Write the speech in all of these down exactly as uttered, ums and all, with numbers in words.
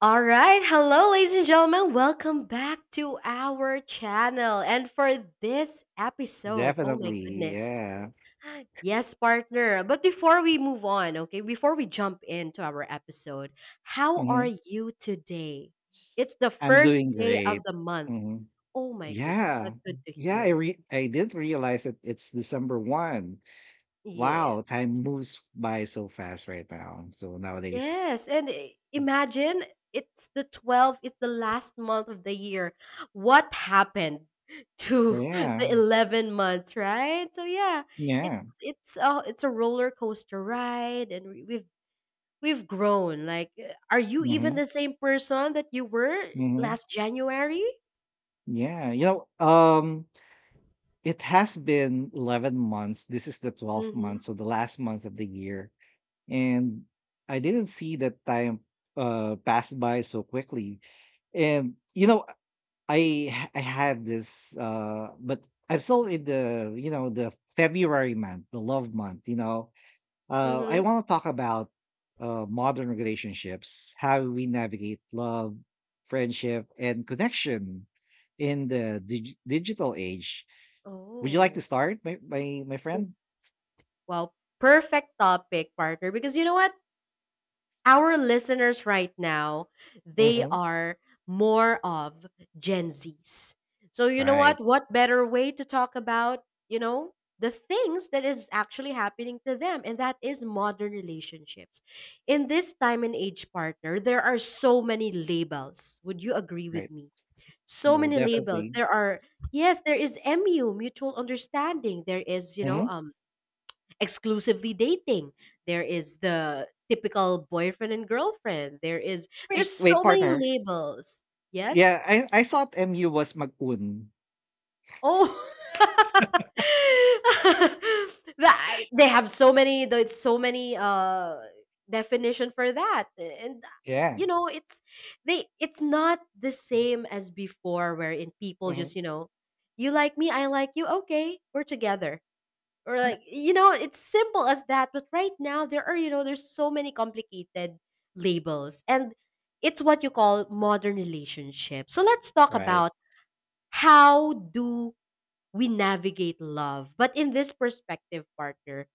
All right, hello, ladies and gentlemen. Welcome back to our channel. And for this episode, oh my Definitely, goodness. yeah. Yes, partner. But before we move on, okay, before we jump into our episode, how are Mhm. you today? It's the I'm first doing day of great. the month. Mhm. Oh my goodness, Yeah. that's good to Yeah, I hear. re I didn't realize that it's December first. Wow, Yes. time moves by so fast right now. So nowadays. Yes, and i- imagine it's the twelfth, it's the last month of the year. What happened to the Yeah. eleven months, right? So yeah, Yeah. it's it's a it's a roller coaster ride, and we- we've we've grown. Like uh, are you even Mhm. the same person that you were Mhm. last January? Yeah. You know, um it has been eleven months. This is the twelfth Mhm. month, so the last month of the year. And I didn't see that time uh pass by so quickly. And you know, I ha- I had this, uh, but I'm still in the you know the February month, the love month. You know, uh, I Mhm. want to talk about uh, modern relationships, how we navigate love, friendship, and connection in the dig- digital age. Would you like to Oh. start, my my, my Oh, friend? well, perfect topic, partner, because you know what? Our listeners right now, they Mm-hmm. are more of Gen Zs. So you know Right, what? What better way to talk about, you know, the things that is actually happening to them, and that is modern relationships. In this time and age, partner, there are so many labels. Would you agree with right. me? So No, many labels. definitely. There are, yes, there is M U, mutual understanding. There is, you know, Hmm. um exclusively dating. There is the typical boyfriend and girlfriend. There is, Wait, there's wait, so many partner. labels. Yeah, Yes? I I thought M U was Magun. Oh. That- they have so many, there's so many uh definition for that. And Yeah. you know, it's they it's not the same as before, wherein people just, Hmm. you know, you like me, I like you, okay, we're together. Or Yeah. like, you know, it's simple as that, but right now there are, you know, there's so many complicated labels, and it's what you call modern relationship. So let's talk Right. about how do we navigate love, but in this perspective, partner,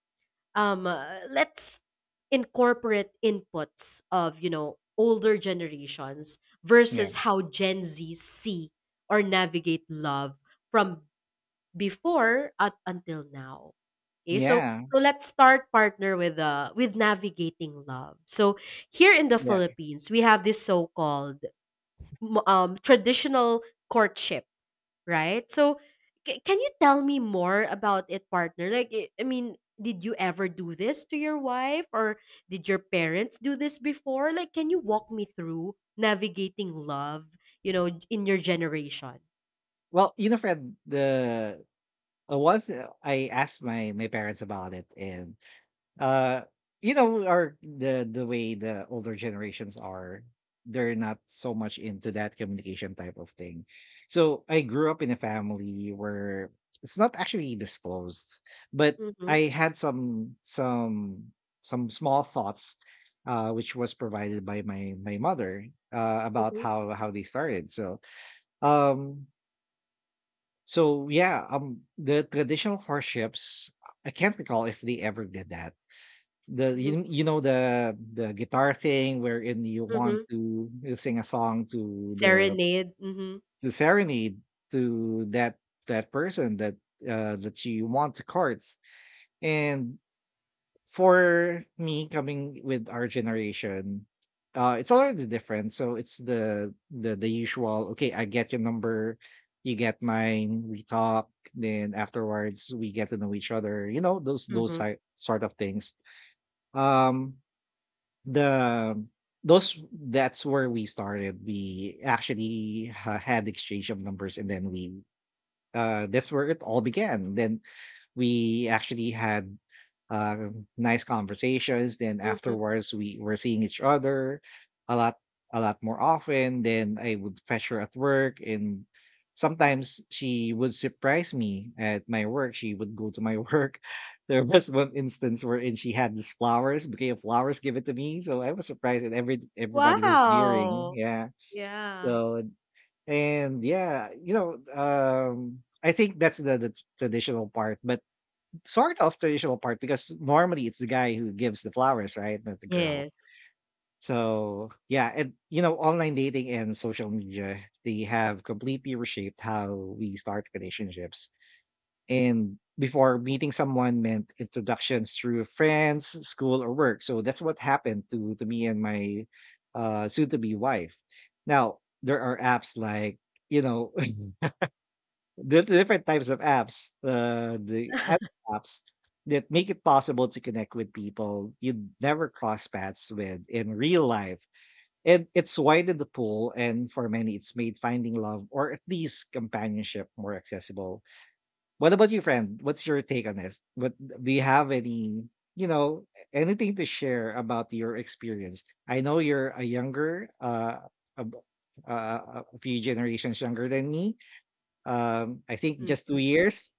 um uh, let's incorporate inputs of, you know, older generations versus how Gen Z see or navigate love from before up until now. Okay, so Yeah, so let's start, partner, with uh with navigating love. So here in the yeah. Philippines, we have this so-called m- um traditional courtship, right? So c- can you tell me more about it, partner? Like, I I mean, did you ever do this to your wife, or did your parents do this before? Like, can you walk me through navigating love? You know, in your generation. Well, you know, Fred, the uh, once, uh, I asked my my parents about it. And uh, you know, our the the way, the older generations are, they're not so much into that communication type of thing. So I grew up in a family where it's not actually disclosed, but Mm-hmm, I had some some some small thoughts. Uh, which was provided by my my mother, uh, about mm-hmm, how how they started. So um So yeah, um, the traditional horseships, I can't recall if they ever did that. The you, you know the the guitar thing wherein you want mm-hmm, to sing a song to the serenade, mhm, the serenade, to that that person that uh that you want to court. And for me, coming with our generation, uh it's already different. So it's the the the usual. Okay, I get your number, you get mine, we talk, then afterwards we get to know each other, you know those those mhm, si- sort of things. Um the those That's where we started. We actually ha- had exchange of numbers, and then we uh, that's where it all began. Then we actually had uh, nice conversations. Then mhm. afterwards, we were seeing each other a lot, a lot more often. Then I would fetch her at work, and sometimes she would surprise me at my work. She would go to my work. There was one instance wherein she had these flowers, bouquet of flowers, given to me. So I was surprised, and every everybody was jeering. Wow! Yeah. Yeah. So, and yeah, you know, um, I think that's the, the traditional part, but sort of traditional part, because normally it's the guy who gives the flowers, right? Not the girl. Yes. So yeah, and you know, online dating and social media, they have completely reshaped how we start relationships. And before, meeting someone meant introductions through friends, school, or work. So that's what happened to to me and my uh soon to be wife. Now there are apps like, you know the different types of apps, uh, the app apps that make it possible to connect with people you'd never cross paths with in real life. And it's widened the pool, and for many, it's made finding love or at least companionship more accessible. What about you, friend? What's your take on this? What do you have, any, you know, anything to share about your experience? I know you're a younger, uh, a, b- uh, a few generations younger than me. um, I think Mm. just two years,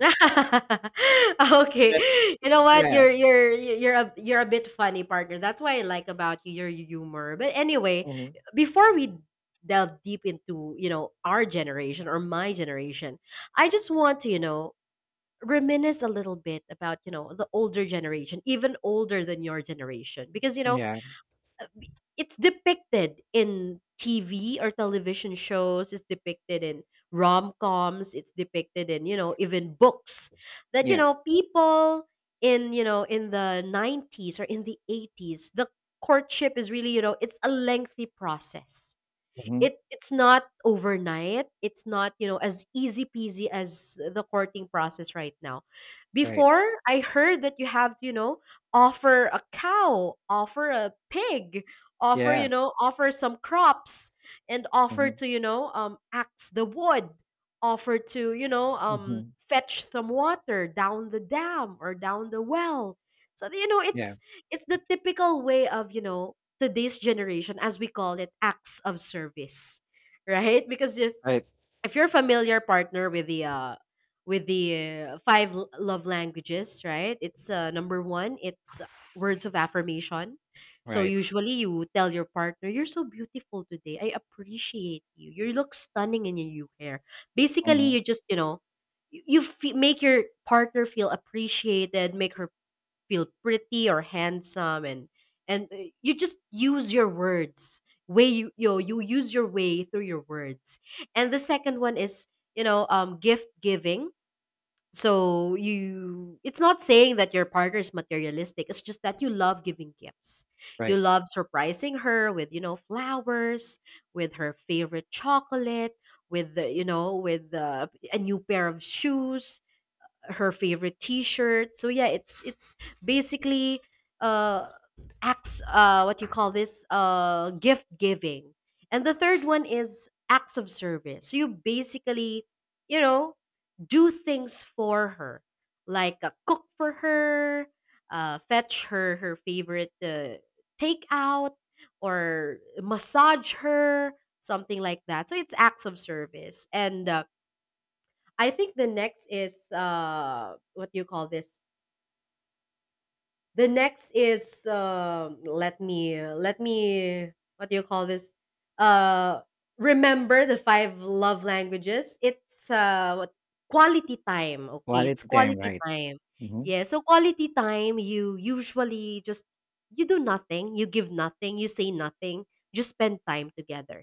Okay. but You know what? yeah. You're you're you're a you're a bit funny, partner. That's why I like about you, your humor. But anyway, Mhm. before we delve deep into, you know, our generation or my generation, I just want to, you know, reminisce a little bit about, you know, the older generation, even older than your generation. Because, you know, Yeah. it's depicted in T V or television shows, it's depicted in rom-coms, it's depicted in, you know, even books that, you Yeah. know, people in, you know, in the nineties or in the eighties, the courtship is really, you know, it's a lengthy process. Mhm. It it's not overnight. It's not, you know, as easy peasy as the courting process right now. Right. Before, I heard that you have to, you know, offer a cow, offer a pig, offer, Yeah. you know, offer some crops, and offer Mhm. to, you know, um axe the wood, offer to, you know, um Mhm. fetch some water down the dam or down the well. So you know, Yeah. it's it's the typical way of, you know, today's generation, as we call it, acts of service, right? Because if, Right. if you're familiar, partner, with the uh, with the uh, five l- love languages, right? It's uh, number one, it's words of affirmation. So Right. usually you tell your partner, "You're so beautiful today. I appreciate you. You look stunning in your new hair." Basically, Mhm. you just, you know, you, you fe make your partner feel appreciated, make her feel pretty or handsome, and and uh, you just use your words, way you you, know, you use your way through your words. And the second one is, you know, um gift giving. So you, it's not saying that your partner is materialistic, it's just that you love giving gifts, you Right. love surprising her with, you know, flowers, with her favorite chocolate, with the, you know, with the a new pair of shoes, her favorite t-shirt. So yeah, it's it's basically uh acts uh what you call this, uh gift giving. And the third one is acts of service, so you basically, you know, do things for her, like uh, cook for her, uh fetch her, her favorite uh, takeout, or massage her, something like that. So it's acts of service. And uh, I think the next is uh what do you call this? The next is um let me uh, let me, what do you call this? Uh Remember the five love languages. It's uh what, quality time, okay? It's Quality time. quality Right. time. Mhm. Yeah, so quality time, you usually just, you do nothing, you give nothing, you say nothing, just spend time together,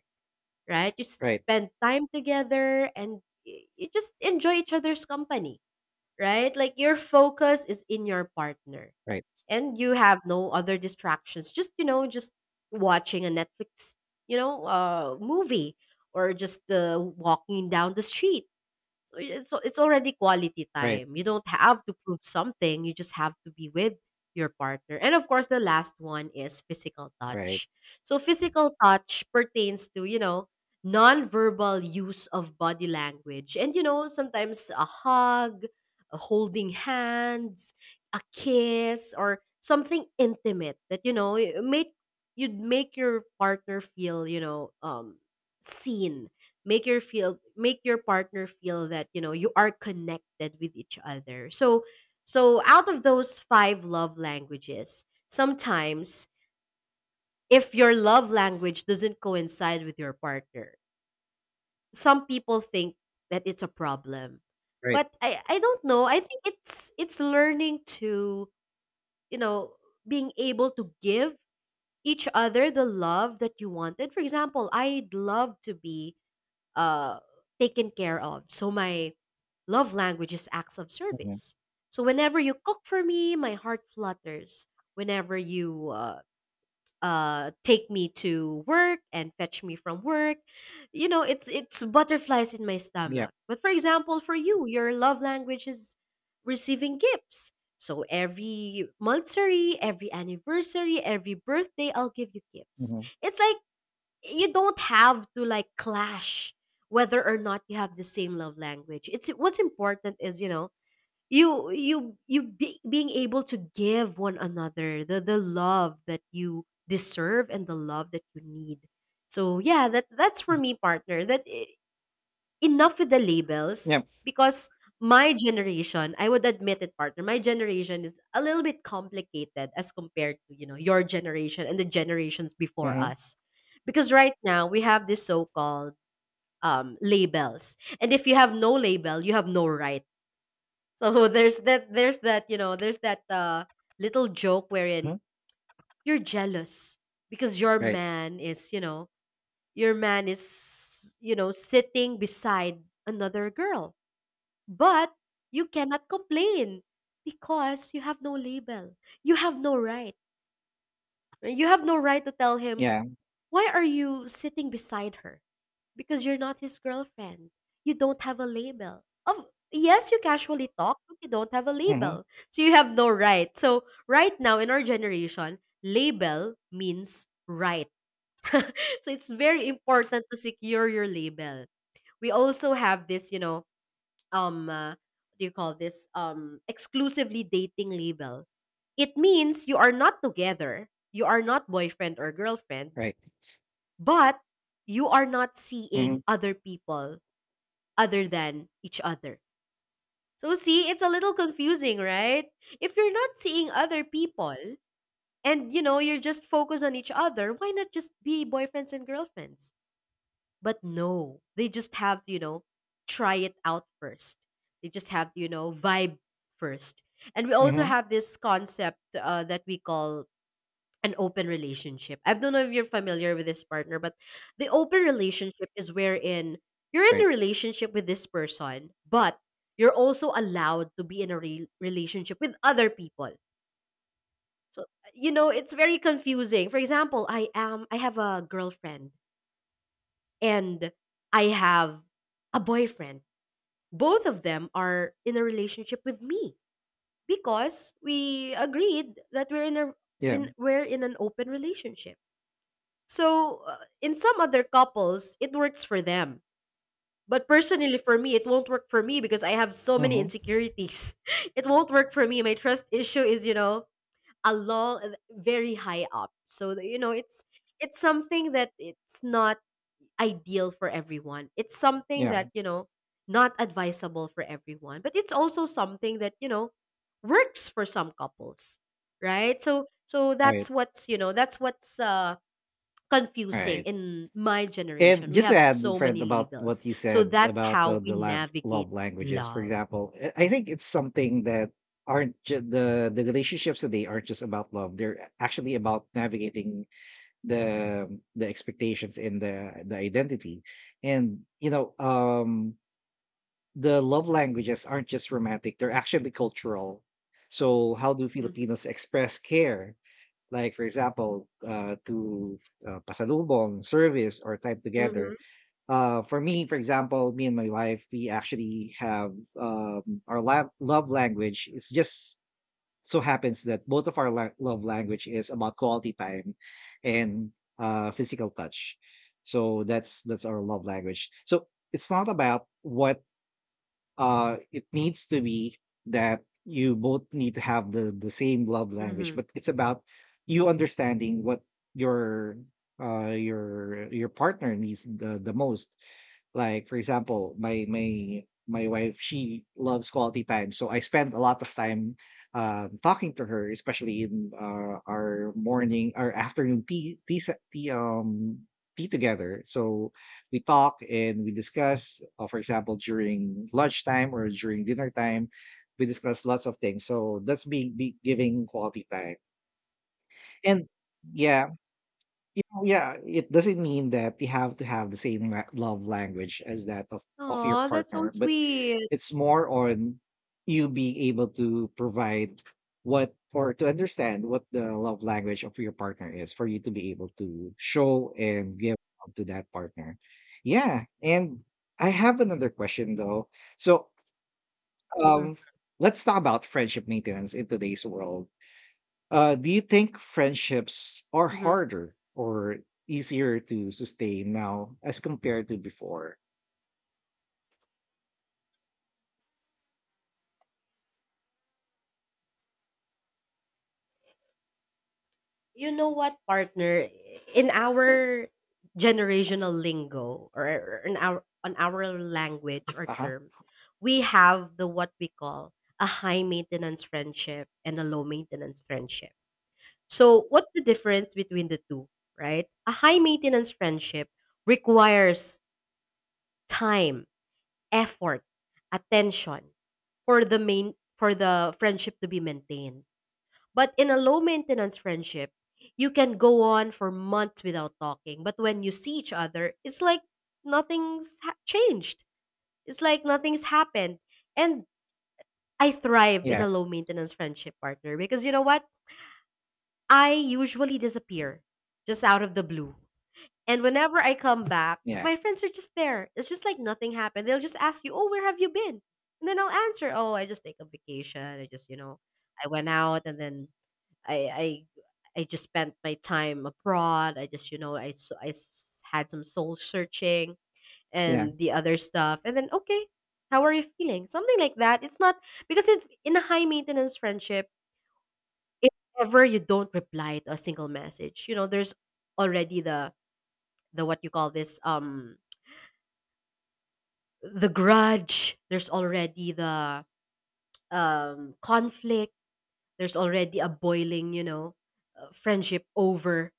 right? You s- Right. spend time together, and y- you just enjoy each other's company, right? Like your focus is in your partner, Right. and you have no other distractions. Just, you know, just watching a Netflix, you know, uh movie, or just uh, walking down the street. So it's it's already quality Right. time. You don't have to prove something. You just have to be with your partner. And of course, the last one is physical Right. touch. So physical touch pertains to, you know, non-verbal use of body language. And you know, sometimes a hug, a holding hands, a kiss, or something intimate that, you know, it make, you'd make your partner feel, you know, um seen, make your feel make your partner feel that, you know, you are connected with each other. So so out of those five love languages, sometimes if your love language doesn't coincide with your partner, some people think that it's a problem. Right. But i i don't know, I think it's it's learning to, you know, being able to give each other the love that you wanted. For example, I'd love to be uh, taken care of. So my love language is acts of Mhm. service. So whenever you cook for me, my heart flutters. Whenever you uh, uh, take me to work and fetch me from work, you know, it's it's butterflies in my Yeah. stomach. But for example, for you, your love language is receiving gifts. So every monthsary, every anniversary, every birthday, I'll give you gifts. Mhm. It's like you don't have to like clash whether or not you have the same love language. It's what's important is, you know, you you you be, being able to give one another the the love that you deserve and the love that you need. So yeah, that that's for me, partner, that i- enough with the labels. Yeah. Because my generation, I would admit it, partner, my generation is a little bit complicated as compared to, you know, your generation and the generations before Mhm. us. Because right now we have this so-called um labels. And if you have no label, you have no right. So there's that there's that, you know, there's that uh little joke Mhm. wherein you're jealous because your Right. man is, you know, your man is, you know, sitting beside another girl, but you cannot complain because you have no label. You have no right. Right? You have no right to tell him, Yeah. why are you sitting beside her? Because you're not his girlfriend. You don't have a label. Of yes, you casually talk, but you don't have a Mhm. label. So you have no right. So right now in our generation, label means right. So it's very important to secure your label. We also have this, you know, um uh, what do you call this, um exclusively dating label. It means you are not together, you are not boyfriend or girlfriend, Right. but you are not seeing Mhm. other people other than each other. So see, it's a little confusing, right? If you're not seeing other people, and you know, you're just focused on each other, why not just be boyfriends and girlfriends? But no, they just have to, you know, try it out first. They just have to, you know, vibe first. And we also Mhm. have this concept uh, that we call an open relationship. I don't know if you're familiar with this, partner, but the open relationship is wherein you're in a Right. relationship with this person, but you're also allowed to be in a re- relationship with other people. So, you know, it's very confusing. For example, I am I have a girlfriend, and I have a boyfriend. Both of them are in a relationship with me because we agreed that we're in a Yeah. when we're in an open relationship. So uh, in some other couples, it works for them. But personally for me, it won't work for me because I have so many Mhm. insecurities. It won't work for me. My trust issue is, you know, a long very high up. So, you know, it's it's something that it's not ideal for everyone. It's something Yeah. that, you know, not advisable for everyone, but it's also something that, you know, works for some couples, right? So so that's Right. what's, you know, that's what's uh confusing Right. in my And generation. We just to have add, so Fred, many about labels. what you So said that's about the how we the lab, navigate love languages, for love. example, I I think it's something that aren't ju- the the relationships today aren't just about love. They're actually about navigating the the expectations and the the identity. And you know, um, the love languages aren't just romantic; they're actually cultural. So, how do Mhm. Filipinos express care? Like, for example, uh, to uh, pasalubong, service, or time together. Mhm. Uh for me, for example, me and my wife, we actually have um our la- love language. It's just so happens that both of our la- love language is about quality time and uh physical touch. So that's that's our love language. So it's not about what, uh it needs to be that you both need to have the the same love language, Mhm. but it's about you understanding what your uh your your partner needs the, the most. Like, for example, my my my wife, she loves quality time, so I spend a lot of time um, talking to her, especially in uh, our morning, our afternoon tea, tea, se- tea um tea together. So we talk, and we discuss, uh, for example, during lunchtime or during dinner time we discuss lots of things. So that's being be giving quality time. And yeah, you know, yeah it doesn't mean that you have to have the same la- love language as that of of your Oh, that's so partner, but sweet. it's more on you being able to provide what, or to understand what the love language of your partner is, for you to be able to show and give up to that partner. Yeah. And I have another question, though. So, um let's talk about friendship maintenance in today's world. Uh do you think friendships are Mhm. harder or easier to sustain now as compared to before? You know what, partner? In our generational lingo or in our on our language or Uh-huh. term, we have the what we call a high maintenance friendship and a low maintenance friendship. So, what's the difference between the two, right? A high maintenance friendship requires time, effort, attention for the main for the friendship to be maintained, but in a low maintenance friendship, you can go on for months without talking. But when you see each other, it's like nothing's ha- changed. It's like nothing's happened. And I thrive in Yeah. a low maintenance friendship, partner, because you know what? I usually disappear just out of the blue. And whenever I come back, Yeah. my friends are just there. It's just like nothing happened. They'll just ask you, "Oh, where have you been?" And then I'll answer, "Oh, I just take a vacation. I just, you know, I went out and then I I I just spent my time abroad. I just, you know, I s- I s- had some soul searching Yeah. and the other stuff." And then, okay, how are you feeling? Something like that. It's not because it's in a high maintenance friendship, if ever you don't reply to a single message, you know, there's already the the what you call this, um the grudge. There's already the um conflict. There's already a boiling, you know, uh, friendship over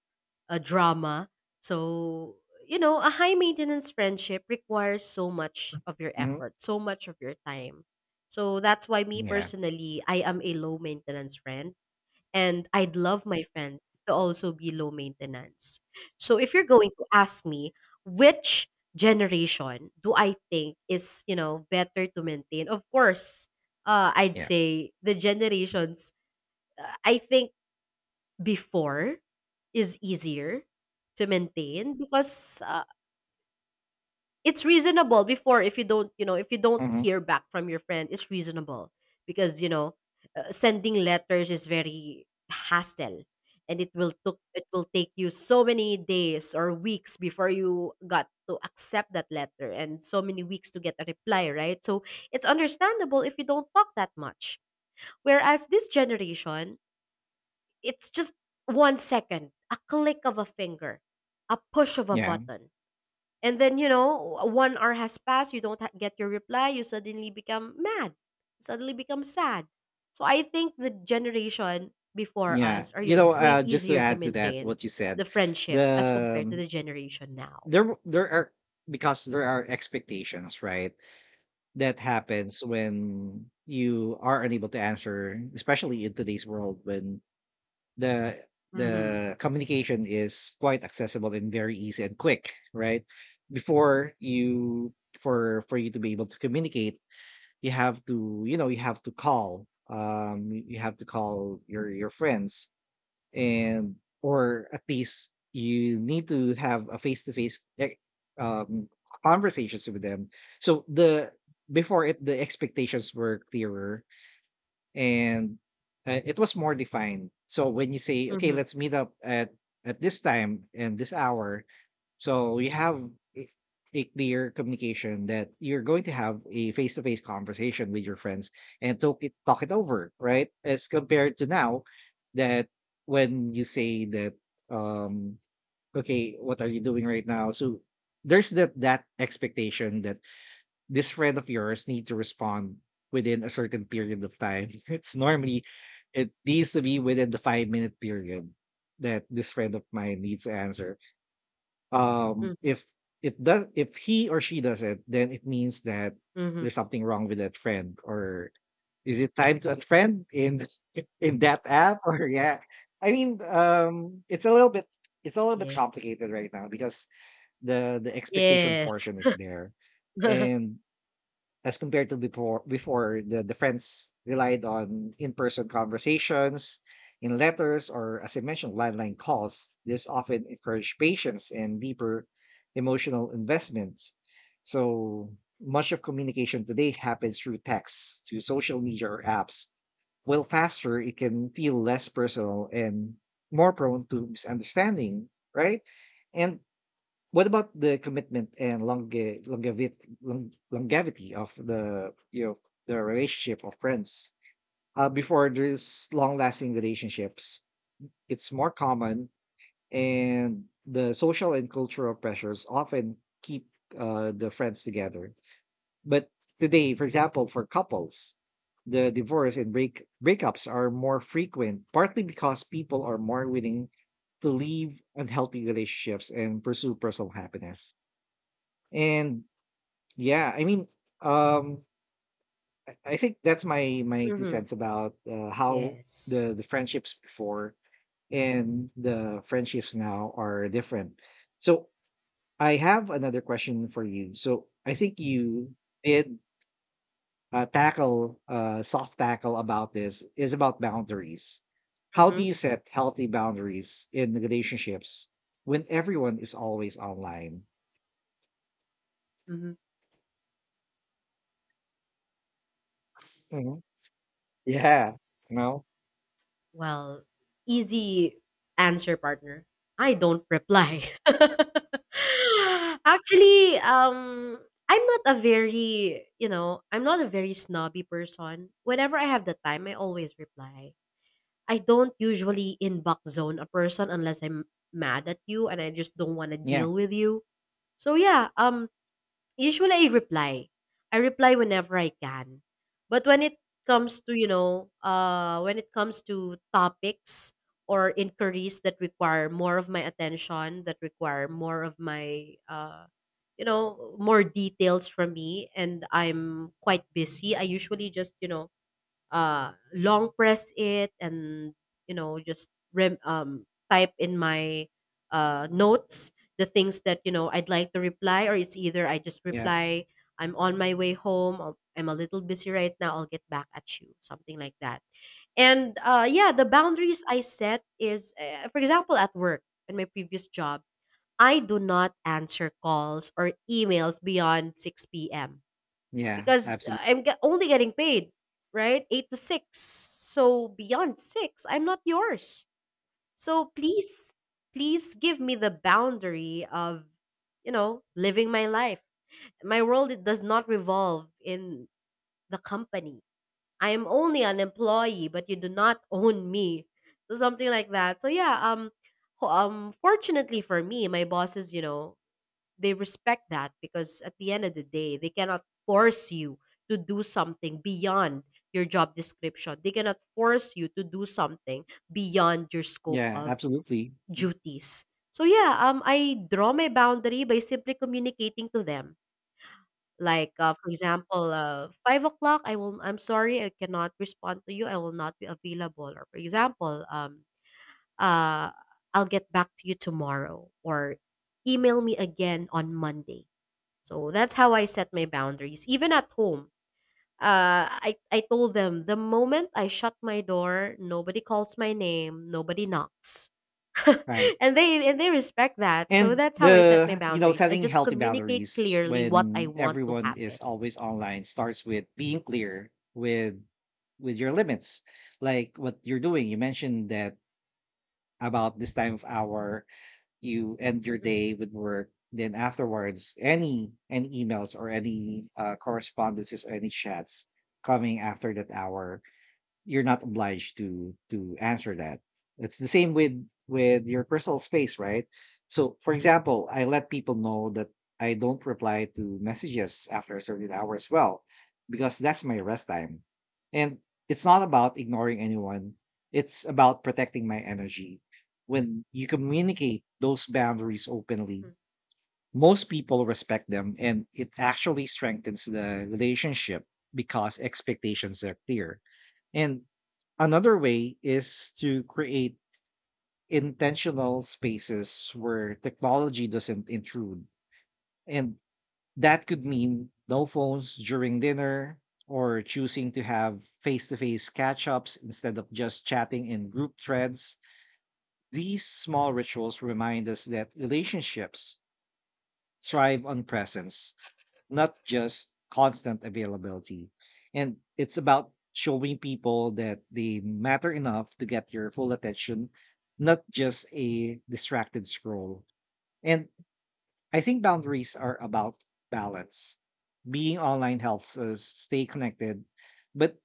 uh, drama. So, you know, a high maintenance friendship requires so much of your Mhm. effort, so much of your time. So that's why, me Yeah. personally, I am a low maintenance friend and I'd love my friends to also be low maintenance. So if you're going to ask me which generation do I think is, you know, better to maintain? Of course, uh, I'd Yeah. say the generations uh, I think before is easier to maintain, because uh, it's reasonable before, if you don't, you know if you don't Hmm. hear back from your friend, it's reasonable. Because, you know, uh, sending letters is very hassle, and it will took it will take you so many days or weeks before you got to accept that letter, and so many weeks to get a reply, right? So it's understandable if you don't talk that much. Whereas this generation, it's just one second, a click of a finger, a push of a Yeah, button. And then, you know, one hour has passed, you don't ha get your reply, you suddenly become mad, suddenly become sad. So I think the generation before yeah. us are You yo know, way uh, Just to easier to add to that, maintain what you said, the friendship as the compared to um, the generation now. there w- there are, because there are expectations, right? That happens when you are unable to answer, especially in today's world when the Mhm. the communication is quite accessible and very easy and quick, right? Before, you for for you to be able to communicate, you have to you know you have to call um you have to call your your friends, and or at least you need to have a face to face um conversations with them. So the before it the expectations were clearer, and uh, it was more defined. So when you say, okay, Mhm, let's meet up at at this time and this hour, so you have a a clear communication that you're going to have a face-to-face conversation with your friends and talk it talk it over, right? As compared to now, that when you say that, um okay, what are you doing right now, so there's that that expectation that this friend of yours need to respond within a certain period of time. It's normally it needs to be within the five minute period that this friend of mine needs to answer. Um, mhm, If it does, if he or she does it, then it means that mhm. there's something wrong with that friend, or is it time to unfriend in this- in that app? Or yeah, I mean, um, it's a little bit, it's a little bit Yeah. complicated right now because the the expectation Yes. portion is there, and as compared to before before the, the friends relied on in-person conversations, in letters, or, as I mentioned, landline calls. This often encouraged patience and deeper emotional investments. So much of communication today happens through text, through social media, or apps. While faster, it can feel less personal and more prone to misunderstanding, right? And what about the commitment and longe- longevity, long- longevity of the you know the relationship of friends? Uh, before, there's long-lasting relationships, it's more common, and the social and cultural pressures often keep uh, the friends together. But today, for example, for couples, the divorce and break breakups are more frequent, partly because people are more willing to leave unhealthy relationships and pursue personal happiness. And yeah, I mean, um, I I think that's my my two Mhm. cents about, uh, how Yes. the the friendships before and the friendships now are different. So I have another question for you. So I think you did, uh, tackle, uh, soft tackle about this, is about boundaries. How do Mhm, you set healthy boundaries in relationships when everyone is always online? mhm. Mhm. Yeah, you know, Well, easy answer, partner. I don't reply. Actually, um, I'm not a very, you know, I'm not a very snobby person. Whenever I have the time, I always reply. I don't usually inbox zone a person unless I'm mad at you and I just don't want to yeah, deal with you. So yeah, um, usually I reply. I reply whenever I can. But when it comes to, you know, uh when it comes to topics or inquiries that require more of my attention, that require more of my uh you know, more details from me, and I'm quite busy, I usually just, you know, uh, long press it and, you know, just rem- um, type in my uh, notes the things that, you know, I'd like to reply. Or it's either I just yeah, reply, "I'm on my way home," or "I'm a little busy right now, I'll get back at you," something like that. And uh, yeah, the boundaries I set is, uh, for example, at work, in my previous job, I do not answer calls or emails beyond six p.m. yeah, because absolutely. I'm ge- only getting paid, right? Eight to six. So beyond six, I'm not yours. So please, please give me the boundary of, you know, living my life. My world, it does not revolve in the company. I am only an employee, but you do not own me. So something like that. So yeah, um, ho- um, fortunately for me, my bosses, you know, they respect that, because at the end of the day, they cannot force you to do something beyond your job description. They cannot force you to do something beyond your scope Yeah, of absolutely. duties. So yeah, um, I draw my boundary by simply communicating to them. Like, uh, for example, uh, five o'clock. I will. I'm sorry, I cannot respond to you. I will not be available. Or for example, um, uh, I'll get back to you tomorrow. Or email me again on Monday. So that's how I set my boundaries, even at home. Uh, I, I told them the moment I shut my door, nobody calls my name, nobody knocks, Right. and they and they respect that. So And that's how I set my the, you know, boundaries. I setting just healthy communicate boundaries clearly what I when want to everyone happen. is always online starts with being clear with with your limits, like what you're doing. You mentioned that about this time of hour, you end your Mhm, day with work. Then afterwards, any any emails or any uh, correspondences or any chats coming after that hour, you're not obliged to to answer that. It's the same with with your personal space, right? So for example, I let people know that I don't reply to messages after a certain hour as well, because that's my rest time. And it's not about ignoring anyone, it's about protecting my energy. When you communicate those boundaries openly, mm, most people respect them, and it actually strengthens the relationship because expectations are clear. And another way is to create intentional spaces where technology doesn't intrude. And that could mean no phones during dinner, or choosing to have face to face catch ups instead of just chatting in group threads. These small rituals mm, remind us that relationships thrive on presence, not just constant availability. And it's about showing people that they matter enough to get your full attention, not just a distracted scroll. And I think boundaries are about balance. Being online helps us stay connected, but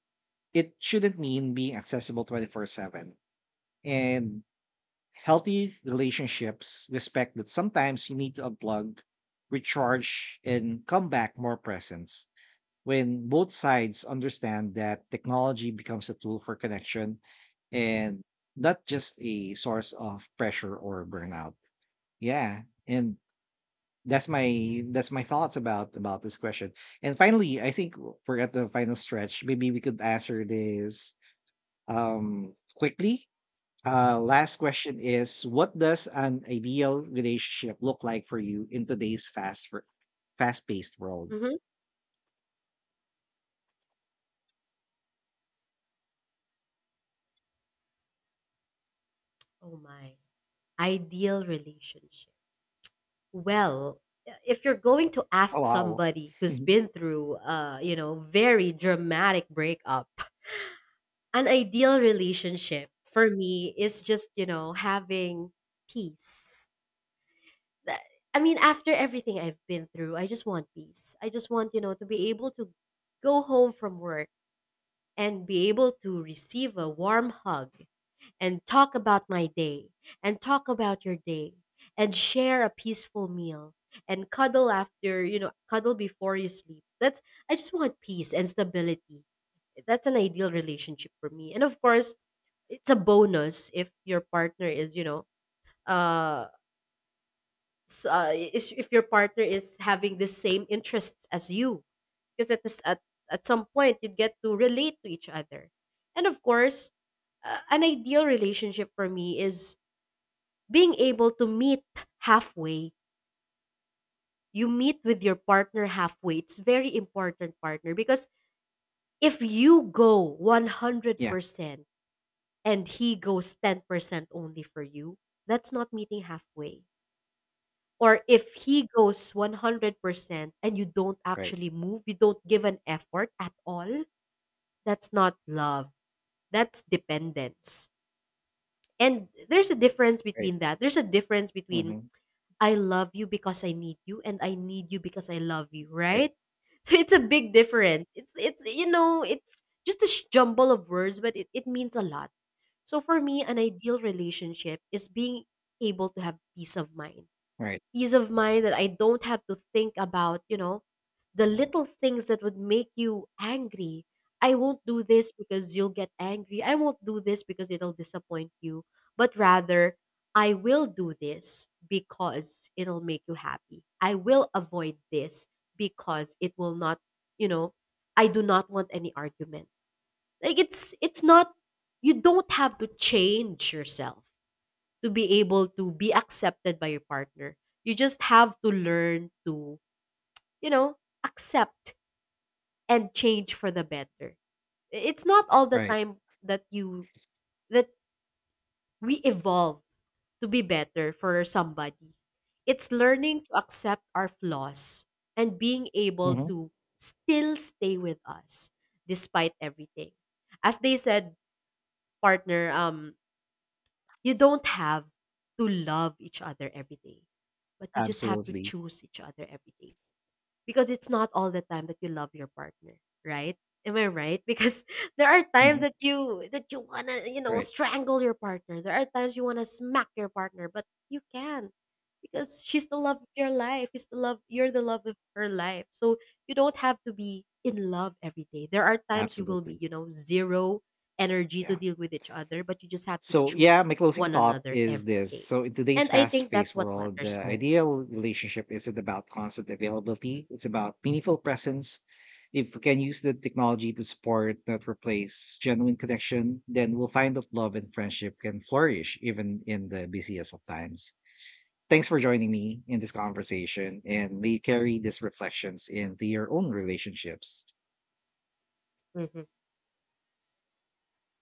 it shouldn't mean being accessible twenty-four seven. And healthy relationships respect that sometimes you need to unplug, recharge, and come back more present. When both sides understand that, technology becomes a tool for connection and not just a source of pressure or burnout. Yeah. And that's my that's my thoughts about about this question. And finally, I think we're at the final stretch. Maybe we could answer this um quickly. Uh last question is, what does an ideal relationship look like for you in today's fast fast paced world? mhm. Oh my, ideal relationship. Well, if you're going to Oh, ask wow. somebody who's been through, uh, you know, very dramatic breakup, an ideal relationship for me is just, you know, having peace. That- I mean, after everything I've been through, I just want peace. I just want, you know, to be able to go home from work and be able to receive a warm hug and talk about my day and talk about your day and share a peaceful meal and cuddle after you know cuddle before you sleep. That's, I just want peace and stability. That's an ideal relationship for me. And of course, it's a bonus if your partner is, you know, uh, s- uh is if your partner is having the same interests as you, because at this at at some point, you'd get to relate to each other. And of course, uh, an ideal relationship for me is being able to meet halfway. You meet with your partner halfway. It's very important, partner, because if you go Yeah. one hundred percent and he goes ten percent only for you, that's not meeting halfway. Or if he goes one hundred percent and you don't Right. actually move, you don't give an effort at all, that's not love. That's dependence. And there's a difference Right. between that. There's a difference between Mhm. "I love you because I need you" and "I need you because I love you," Right, right? So it's a big difference. It's it's you know, it's just a sh- jumble of words, but it, it means a lot. So for me, an ideal relationship is being able to have peace of mind right, peace of mind that I don't have to think about, you know, the little things that would make you angry. I won't do this because you'll get angry. I won't do this because it'll disappoint you. But rather, I will do this because it'll make you happy. I will avoid this because it will not, you know, I do not want any argument. Like, it's it's not, you don't have to change yourself to be able to be accepted by your partner. You just have to learn to, you know, accept and change for the better. I- It's not all the right. time that you that we evolve to be better for somebody. It's learning to accept our flaws and being able Mhm. to still stay with us despite everything. As they said, partner, um you don't have to love each other every day, but you just have to Absolutely. choose each other every day. Because it's not all the time that you love your partner, right? Am I right? Because there are times Mhm. that you that you wanna, you know, Right. strangle your partner. There are times you wanna smack your partner, but you can't because she's the love of your life. She's the love You're the love of her life. So you don't have to be in love every day. There are times you will be, Absolutely. you know, zero energy to Yeah. deal with each other, but you just have to So, yeah, choose my closing one thought another is every this. day. So, in today's And I fast think paced that's what world, matters the most. ideal relationship isn't about constant availability, it's about meaningful presence. If we can use the technology to support, not replace, genuine connection, then we'll find that love and friendship can flourish even in the busiest of times. Thanks for joining me in this conversation, and may you carry these reflections into your own relationships. Mhm.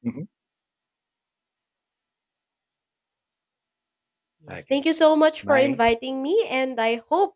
Mhm. Yes, thank Okay. you so much for Bye. inviting me, and I hope